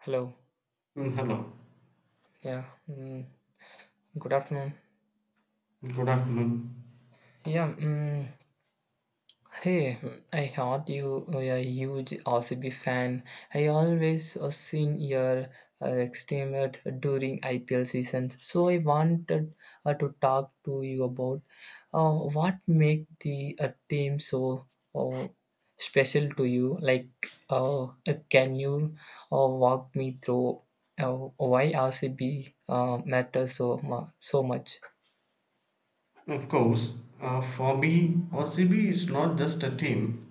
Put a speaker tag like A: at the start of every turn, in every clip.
A: Hello.
B: Mm, hello,
A: Yeah. Good afternoon.
B: good afternoon.
A: Yeah. Hey, I heard you are a huge RCB fan. I always seen your extremet during IPL seasons. So I wanted to talk to you about what make the team so uh, special to you. Uh, can you walk me through why RCB matters so so much?
B: Of course, for me, RCB is not just a team,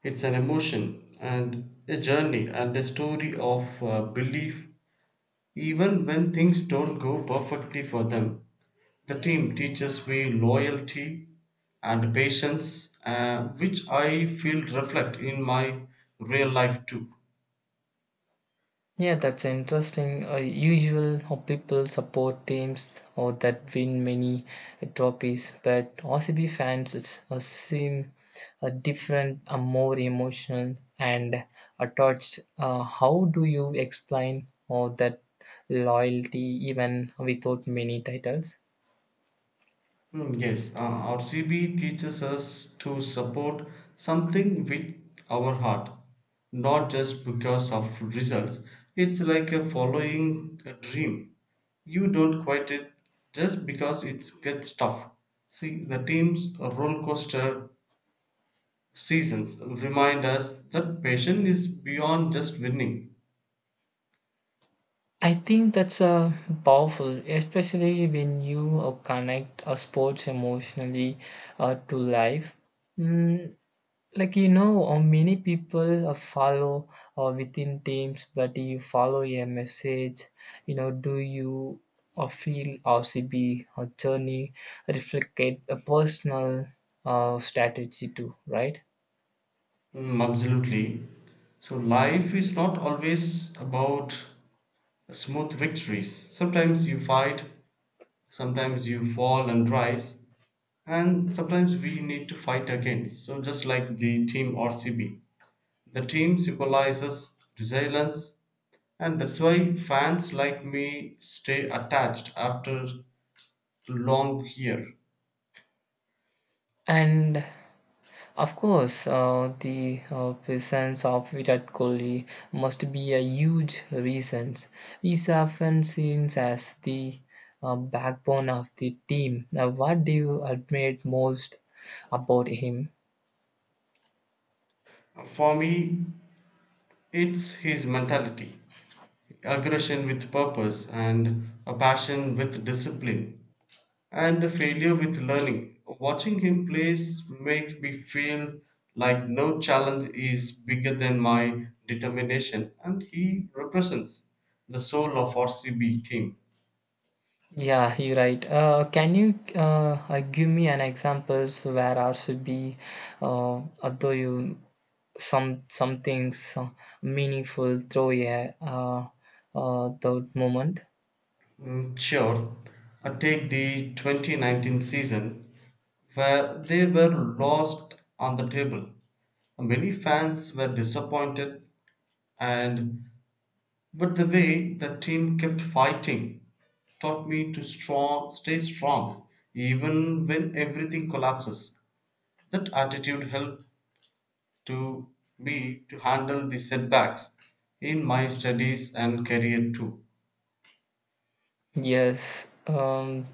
B: it's an emotion and a journey and a story of belief, even when things don't go perfectly for them. The team teaches me loyalty and patience, which I feel reflect in my real life too.
A: Yeah, that's interesting. Usual how people support teams or that win many trophies, but RCB fans it's, seem different, more emotional and attached. How do you explain or that loyalty even without many titles?
B: Mm, yes, RCB teaches us to support something with our heart, not just because of results. It's like a following a dream. You don't quit it just because it gets tough. See, the team's roller coaster seasons remind us that passion is beyond just winning.
A: I think that's powerful, especially when you connect a sports emotionally to life. Mm, like many people follow within teams but you follow a message. Do you feel rcb or journey reflect a personal strategy too, right?
B: Mm, absolutely. So life is not always about smooth victories. Sometimes you fight, sometimes you fall and rise, and sometimes we need to fight again, so just like the team rcb, the team symbolizes resilience, and that's why fans like me stay attached after long year.
A: And of course, the presence of Virat Kohli must be a huge reason. He's often seen as the backbone of the team. Now, what do you admire most about him?
B: For me, it's his mentality, aggression with purpose and a passion with discipline and the failure with learning. Watching him plays make me feel like no challenge is bigger than my determination, and he represents the soul of RCB team.
A: Yeah, you're right. Can you give me an examples where I should be, although you some things meaningful through a that moment?
B: Mm, sure, I take the 2019 season where they were lost on the table. Many fans were disappointed, and but the way the team kept fighting taught me to strong, stay strong even when everything collapses. That attitude helped to me to handle the setbacks in my studies and career too.
A: Yes.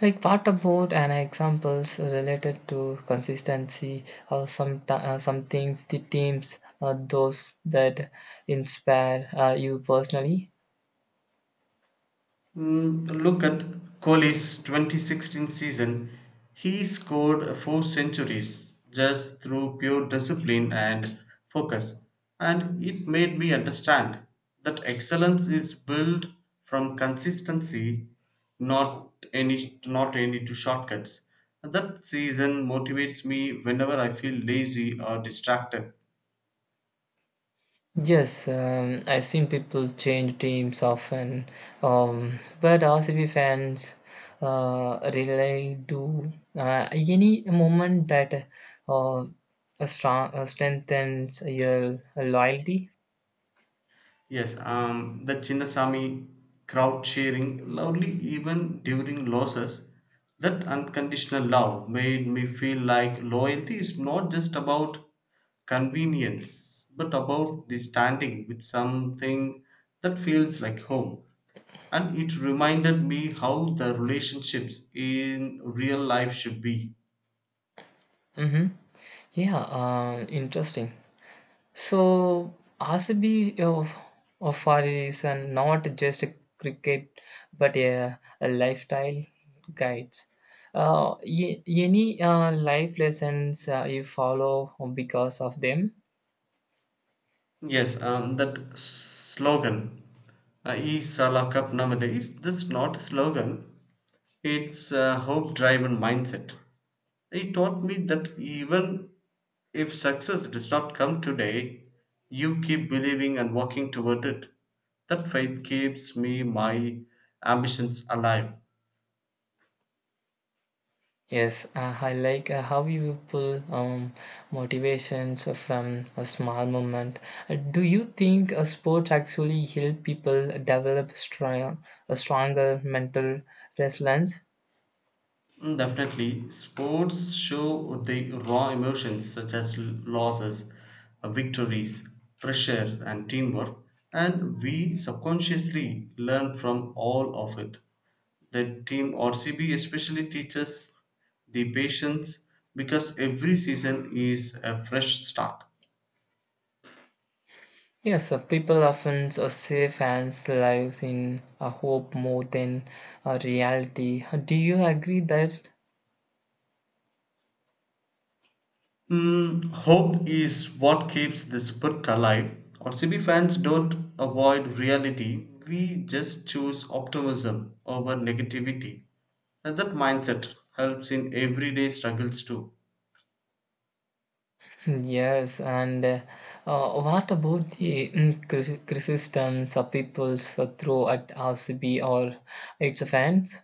A: Like what about an examples related to consistency or some things the teams those that inspire you personally?
B: Mm, look at Kohli's 2016 season. He scored four centuries just through pure discipline and focus. And it made me understand that excellence is built from consistency, not any not any to shortcuts. That season motivates me whenever I feel lazy or distracted.
A: Yes, I've seen people change teams often, but RCB fans really do any moment that uh, strengthens your loyalty.
B: Yes, the Chinnasamy crowd cheering loudly even during losses. That unconditional love made me feel like loyalty is not just about convenience, but about the standing with something that feels like home. And it reminded me how the relationships in real life should be.
A: Mm-hmm. Yeah, interesting. So RCB of far is not just a cricket, but a lifestyle guides. Any life lessons you follow because of them?
B: Yes, that s- slogan "E Sala Cup Namade," is just not a slogan. It's a hope driven mindset. It taught me that even if success does not come today, you keep believing and walking toward it. That faith keeps me my ambitions alive.
A: Yes, I like how you pull motivations from a small moment. Do you think sports actually help people develop a stronger mental resilience?
B: Mm, definitely, sports show the raw emotions such as l- losses, victories, pressure, and teamwork, and we subconsciously learn from all of it. The team RCB especially teaches the patience because every season is a fresh start.
A: Yes, people often say fans' lives in a hope more than a reality. Do you agree that?
B: Mm, hope is what keeps the spirit alive. Or C B fans don't avoid reality, we just choose optimism over negativity. And that mindset helps in everyday struggles too.
A: Yes, and what about the criticisms of people throw at RCB or its fans?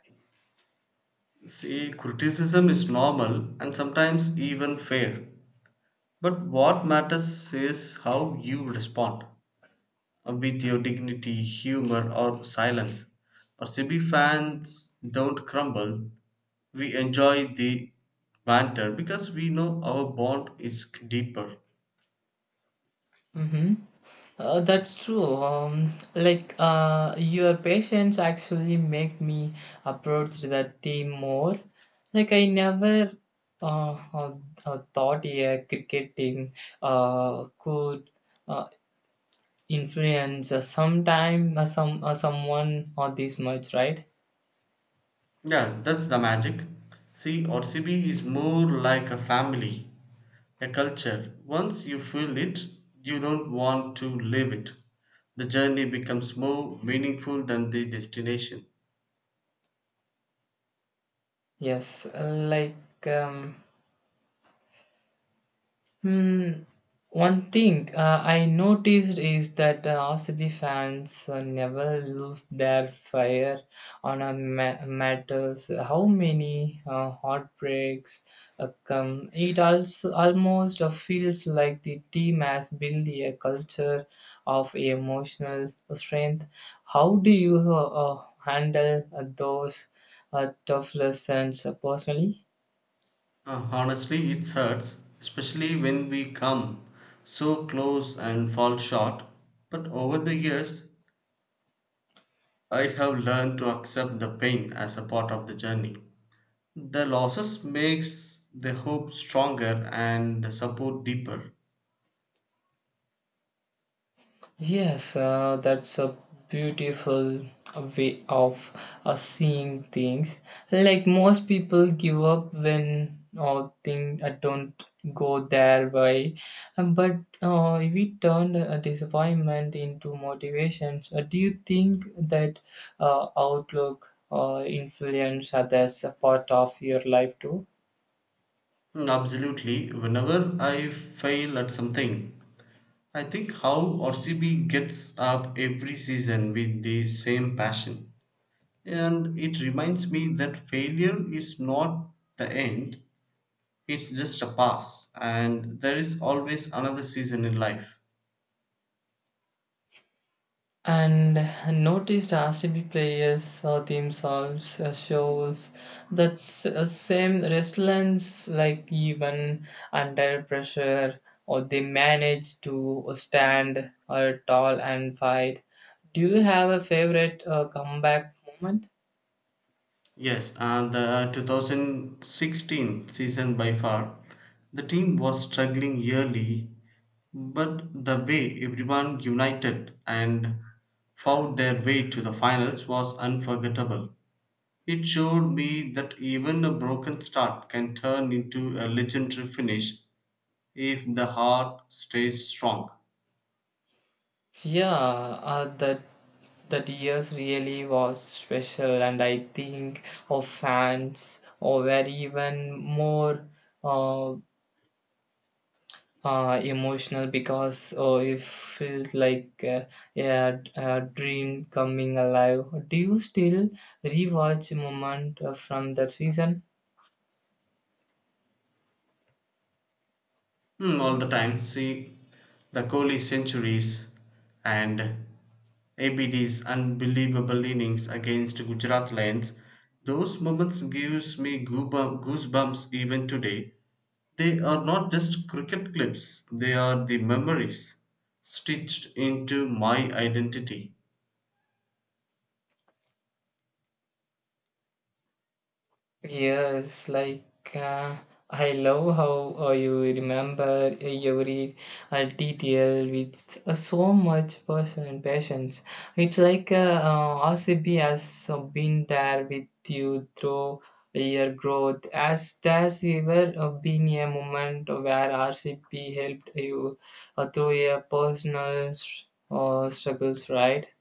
B: See, criticism is normal and sometimes even fair. But what matters is how you respond with your dignity, humor, or silence. Or C B fans don't crumble, we enjoy the banter because we know our bond is deeper.
A: Mm-hmm. That's true. Like your patience actually make me approach the team more. Like I never uh, uh, thought a cricket team could uh, influence sometime some someone or this much, right?
B: Yeah, that's the magic. See, RCB is more like a family, a culture. Once you feel it, you don't want to leave it. The journey becomes more meaningful than the destination.
A: Yes, like hmm. One thing I noticed is that RCB fans never lose their fire on matters. How many heartbreaks come? It also almost feels like the team has built a culture of emotional strength. How do you handle those tough lessons personally?
B: Honestly, it hurts, especially when we come so close and fall short. But over the years, I have learned to accept the pain as a part of the journey. The losses makes the hope stronger and the support deeper.
A: Yes, that's a beautiful way of seeing things. Like most people give up when things don't go their way. But if we turn a disappointment into motivations, do you think that outlook influence others a part of your life too?
B: Mm, absolutely. Whenever I fail at something, I think how rcb gets up every season with the same passion, and it reminds me that failure is not the end. It's just a pass, and there is always another season in life.
A: And noticed RCB players or theme songs shows that same resilience, like even under pressure, or they manage to stand tall and fight. Do you have a favorite comeback moment?
B: Yes, and the 2016 season by far, the team was struggling yearly, but the way everyone united and fought their way to the finals was unforgettable. It showed me that even a broken start can turn into a legendary finish if the heart stays strong.
A: Yeah, that years really was special, and I think of fans or were even more uh, emotional because oh, it feels like a dream coming alive. Do you still rewatch moment from that season?
B: Hmm. All the time. See, the Kohli centuries and ABD's unbelievable innings against Gujarat Lions. Those moments gives me goosebump- goosebumps even today. They are not just cricket clips; they are the memories stitched into my identity.
A: Yes, like uh, I love how you remember every detail with so much person patience. It's like RCB has been there with you through your growth. As there's ever been a moment where RCB helped you through your personal struggles, right?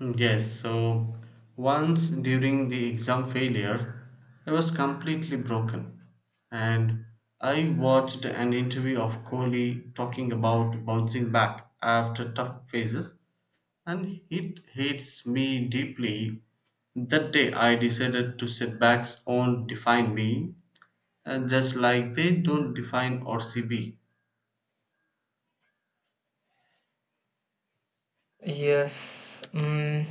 B: Mm, yes, so once during the exam failure, I was completely broken, and I watched an interview of Kohli talking about bouncing back after tough phases, and it hits me deeply. That day I decided to setbacks won't define me, and just like they don't define RCB.
A: Yes. Mm.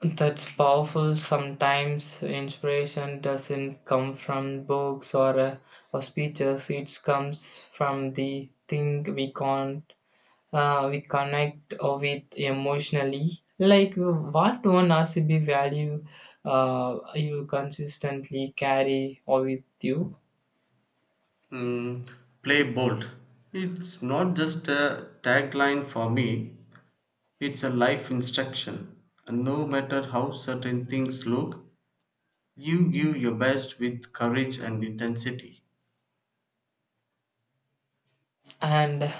A: That's powerful. Sometimes inspiration doesn't come from books or speeches. It comes from the thing we can not we connect with emotionally. Like what one RCB value you consistently carry or with you.
B: Mm, play bold. It's not just a tagline for me, it's a life instruction. No matter how certain things look, you give your best with courage and intensity.
A: And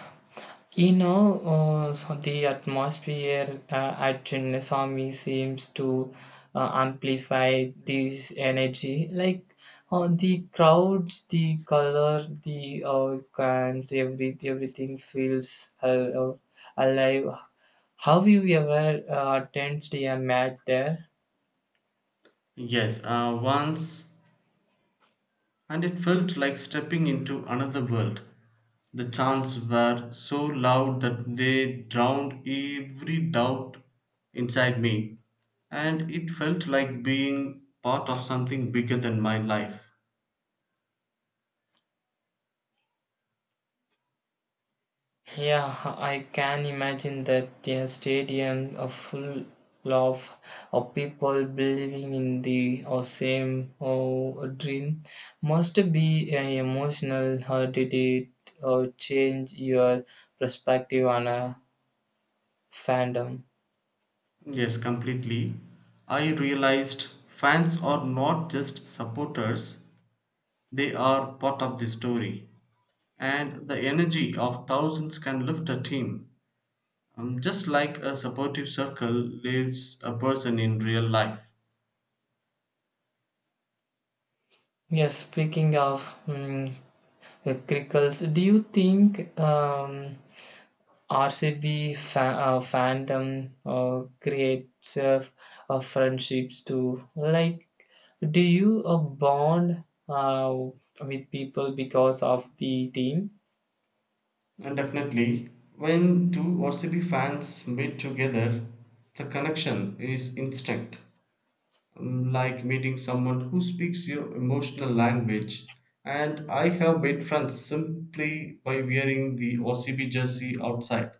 A: you know, so the atmosphere at Chinnaswamy seems to amplify this energy. Like the crowds, the color, the cans, everything feels alive. Have you ever attended a match there?
B: Yes, once, and it felt like stepping into another world. The chants were so loud that they drowned every doubt inside me, and it felt like being part of something bigger than my life.
A: Yeah, I can imagine that the stadium are full of, of people believing in the or same or dream must be emotional. How did it or change your perspective on a fandom?
B: Yes, completely. I realized fans are not just supporters, they are part of the story, and the energy of thousands can lift a team, just like a supportive circle lifts a person in real life.
A: Yes, speaking of mm, crickles, do you think RCB fandom creates friendships too? Like do you bond uh, with people because of the team?
B: And definitely, when two RCB fans meet together, the connection is instant, um, like meeting someone who speaks your emotional language. And I have made friends simply by wearing the RCB jersey outside.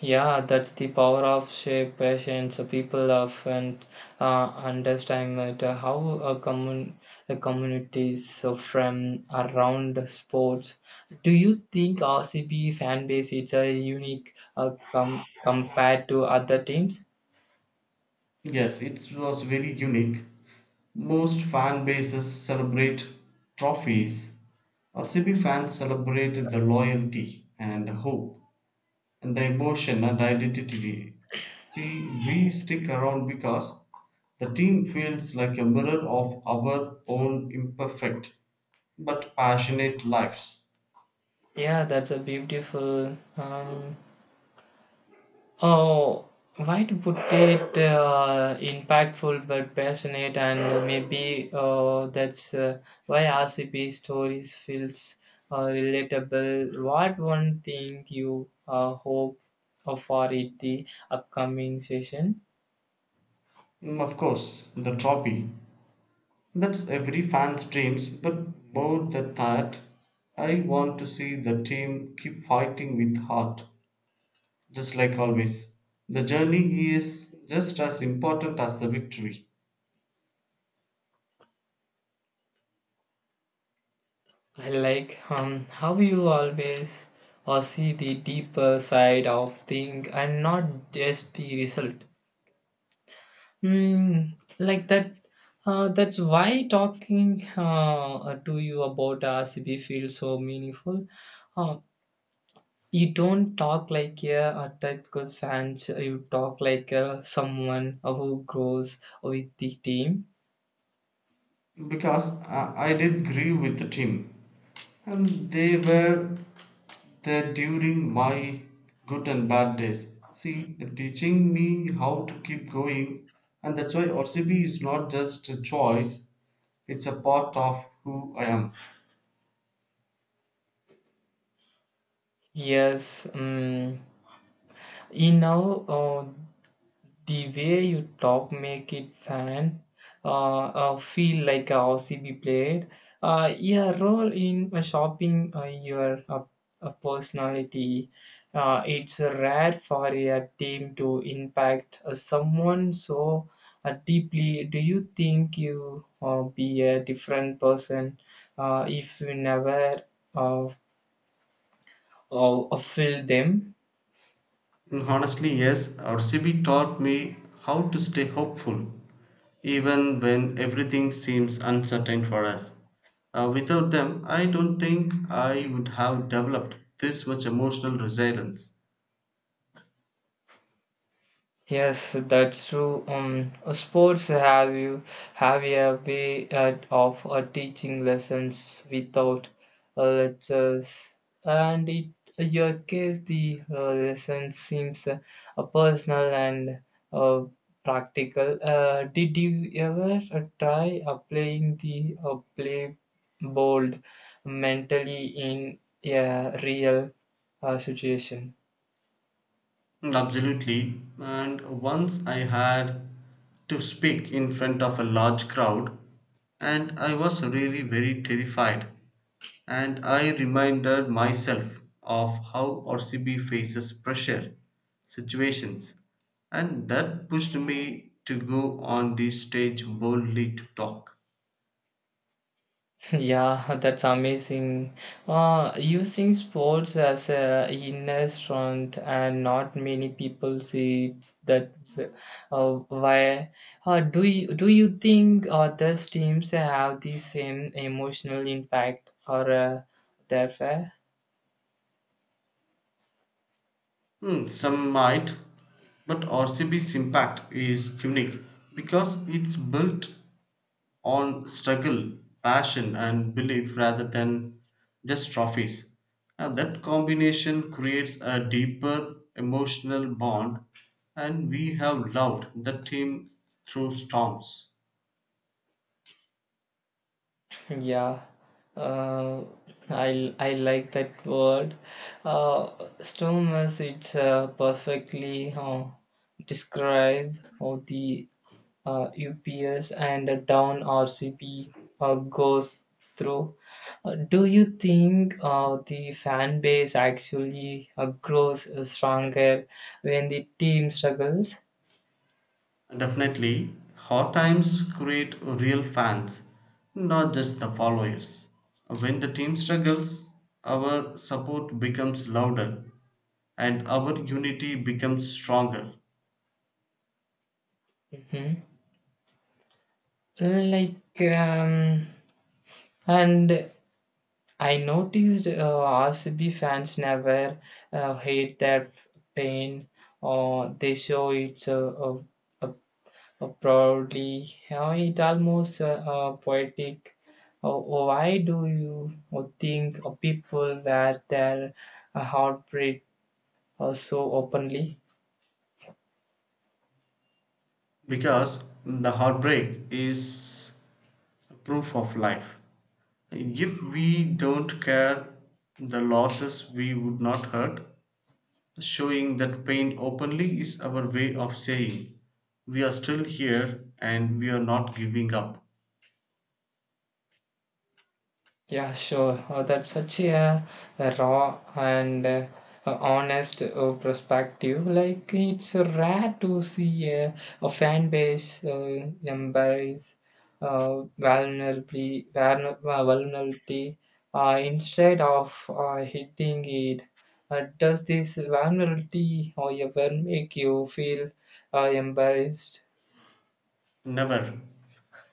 A: Yeah, that's the power of shared passions. People often underestimate how a, commun- a communities so from around the sports. Do you think RCB fan base is a unique compared to other teams?
B: Yes, it was very unique. Most fan bases celebrate trophies. RCB fans celebrate the loyalty and hope and the emotion and identity. See, we stick around because the team feels like a mirror of our own imperfect but passionate lives.
A: Yeah, that's a beautiful oh, why would it impactful but passionate and maybe that's why RCP stories feels relatable. What one thing you hope for it the upcoming session?
B: Mm, of course, the trophy. That's every fan's dreams, but more than that, I want to see the team keep fighting with heart just like always. The journey is just as important as the victory
A: I like how you always see the deeper side of thing and not just the result. Mm, like that. That's why talking to you about RCB feels so meaningful. Uh, you don't talk like a typical fan. You talk like someone who grows with the team.
B: because I did grieve with the team and they were there during my good and bad days. See, they're teaching me how to keep going, and that's why RCB is not just a choice, it's a part of who I am.
A: Yes. In now, the way you talk make it fan feel like a OCB played. Your role in shopping your personality. It's rare for a team to impact someone so deeply. Do you think you be a different person if you never uh, feel them?
B: And honestly, yes, RCB taught me how to stay hopeful even when everything seems uncertain for us. Without them, I don't think I would have developed this much emotional resilience.
A: Yes, that's true. Sports have you have a way of teaching lessons without lectures, and it in your case the lesson seems personal and uh, practical. Did you ever try applying the play bold mentally in a real situation?
B: Mm, absolutely. And once I had to speak in front of a large crowd, and I was really very terrified. And I reminded myself of how RCB faces pressure situations, and that pushed me to go on the stage boldly to talk.
A: Yeah, that's amazing. Using sports as a inner strength, and not many people see it's that. Uh, why? Do you think other teams have the same emotional impact or therefore?
B: Hmm, some might, but RCB's impact is unique because it's built on struggle, passion, and belief rather than just trophies. And that combination creates a deeper emotional bond, and we have loved the team through storms.
A: Yeah, uh, I like that word. Stormers. It's perfectly describe all the UPS and down RCP goes through. Do you think the fan base actually grows stronger when the team struggles?
B: Definitely, hard times create real fans, not just the followers. When the team struggles, our support becomes louder and our unity becomes stronger
A: Mhm. Like, and I noticed RCB fans never hate their pain or they show it uh, probably, it almost poetic. Why do you think people wear their heartbeat so openly?
B: because the heartbreak is proof of life. If we don't care the losses, we would not hurt. Showing that pain openly is our way of saying we are still here and we are not giving up.
A: Yeah, sure. That's such a raw and a honest perspective. Like, it's rare to see a fan base embrace vulnerability instead of hitting it. Does this vulnerability, however, make you feel embarrassed?
B: Never.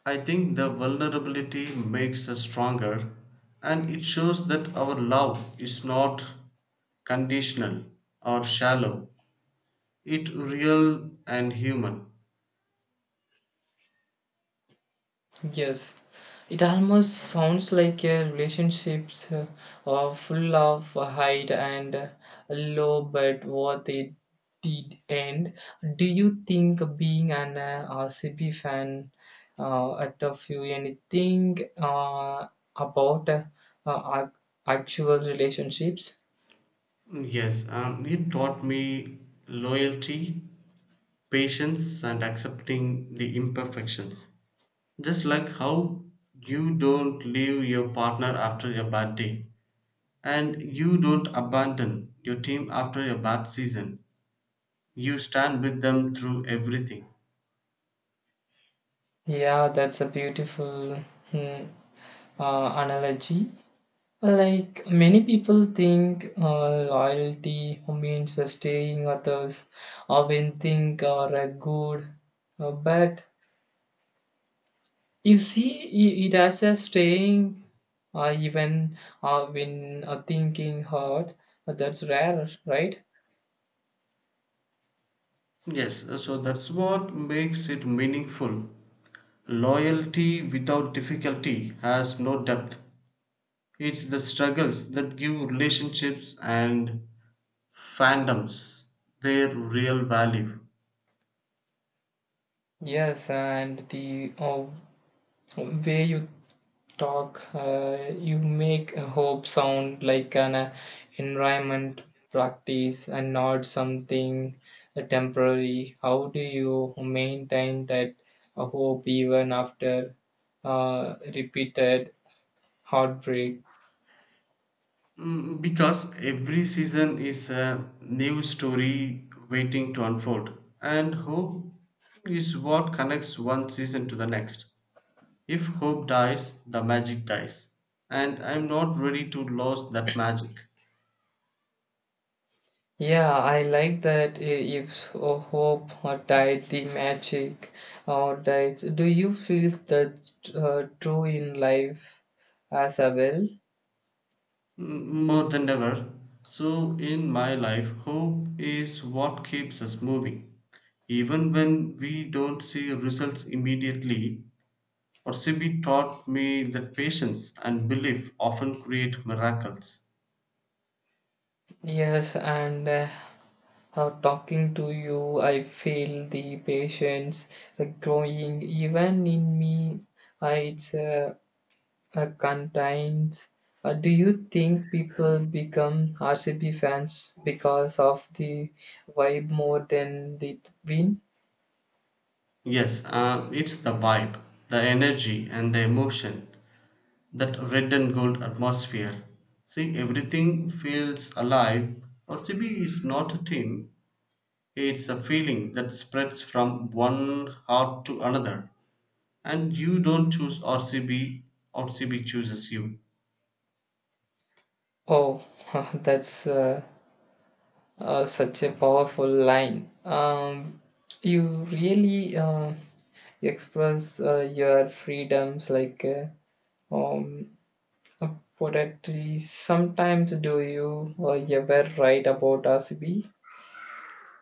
B: I think the vulnerability makes us stronger, and it shows that our love is not conditional or shallow, it real and human.
A: Yes, it almost sounds like relationships are full of hide and low, but what they did end. Do you think being an RCB fan taught you anything about uh, ac- actual relationships?
B: Yes, it taught me loyalty, patience, and accepting the imperfections. Just like how you don't leave your partner after a bad day, and you don't abandon your team after a bad season, you stand with them through everything.
A: Yeah, that's a beautiful hmm, uh, analogy. Like many people think loyalty means staying others or when think are a good. But you see it as a staying even when thinking hard. That's rare, right?
B: Yes, so that's what makes it meaningful. Loyalty without difficulty has no depth. It's the struggles that give relationships and fandoms their real value.
A: Yes, and the way you talk, you make a hope sound like an environment practice and not something temporary. How do you maintain that hope even after repeated heartbreak?
B: Mm, because every season is a new story waiting to unfold, and hope is what connects one season to the next. If hope dies, the magic dies, and I'm not ready to lose that magic.
A: Yeah, I like that. If a hope or died, the magic or died. Do you feel that true in life as a well?
B: Mm, more than ever. So, in my life, hope is what keeps us moving. Even when we don't see results immediately, Orsibi taught me that patience and belief often create miracles.
A: Yes, and. Talking to you, I feel the patience growing even in me. It's contains. Do you think people become RCB fans because of the vibe more than the win?
B: Yes, it's the vibe, the energy, and the emotion, that red and gold atmosphere. See, everything feels alive. OCB is not a team, it's a feeling that spreads from one heart to another. And you don't choose RCB, RCB chooses you.
A: Oh, that's such a powerful line. You really express your freedoms like um, poetry sometimes. Do you ever write about RCB?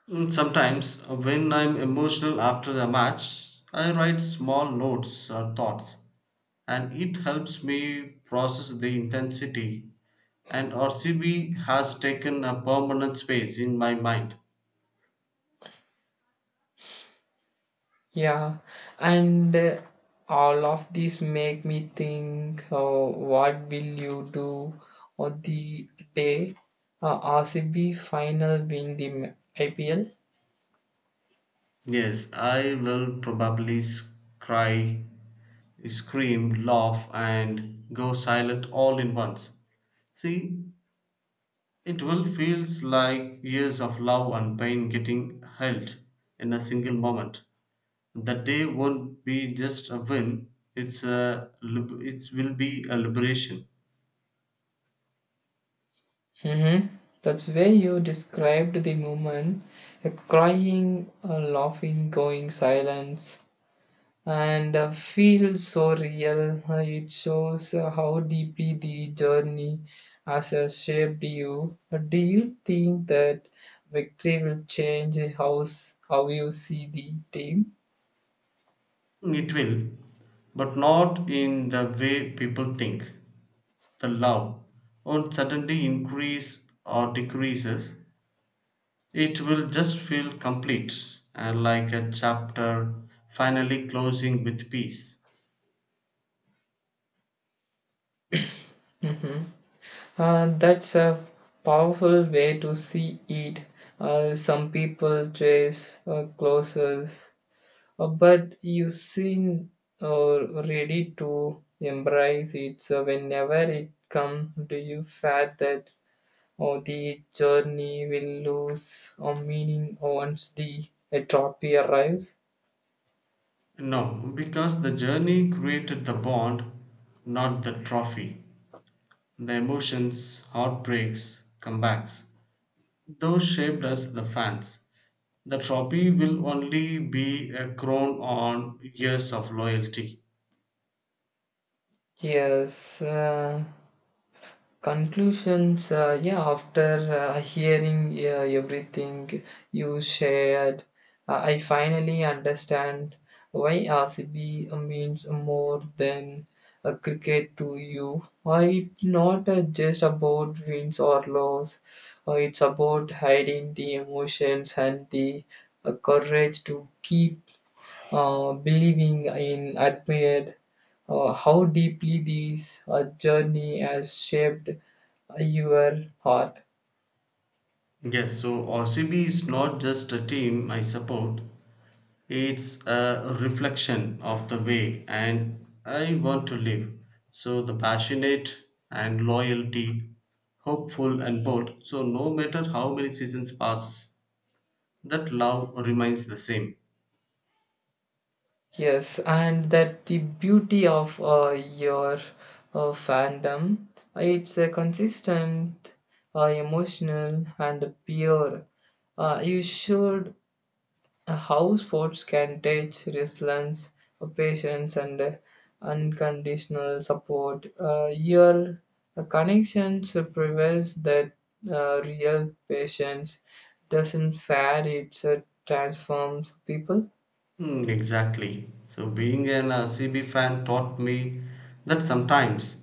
B: Mm, sometimes, when I'm emotional after the match, I write small notes or thoughts, and it helps me process the intensity, and RCB has taken a permanent space in my mind.
A: Yeah, and all of these make me think what will you do on the day RCB final win the IPL?
B: Yes, I will probably s- cry, scream, laugh, and go silent all in once. See, it will feels like years of love and pain getting held in a single moment. The day won't be just a win; it's a lib- it will be a liberation.
A: Mm-hmm. That's where you described the moment, crying, laughing, going silence, and feel so real. It shows how deeply the journey has shaped you. Do you think that victory will change how, how you see the team?
B: It will, but not in the way people think. The love won't suddenly increase or decreases. It will just feel complete and like a chapter finally closing with peace.
A: Hmm. That's a powerful way to see it. Some people chase closes, but you seem ready to embrace it. So whenever it comes, do you feel that or the journey will lose a meaning once the atrophy arrives.
B: No, because the journey created the bond, not the trophy. The emotions, heartbreaks, comebacks, those shaped us the fans. The trophy will only be a crown on years of loyalty.
A: Yes. Conclusions. Yeah, after hearing everything you shared, I finally understand why RCB means more than a cricket to you. It's not just about wins or loss. It's about hiding the emotions and the courage to keep believing in, admired how deeply this journey has shaped your heart.
B: Yes, so RCB is not just a team I support, it's a reflection of the way and I want to live. So the passionate and loyalty, hopeful and bold. So no matter how many seasons passes, that love remains the same.
A: Yes, and that the beauty of your fandom, it's a consistent, emotional, and pure. You should uh, how sports can teach resilience, patience, and unconditional support. Your connections provides that real patience doesn't fad, it transforms people.
B: Hmm, exactly. So being an CB fan taught me that sometimes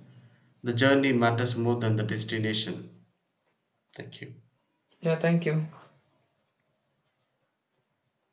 B: the journey matters more than the destination. Thank you.
A: Yeah, thank you.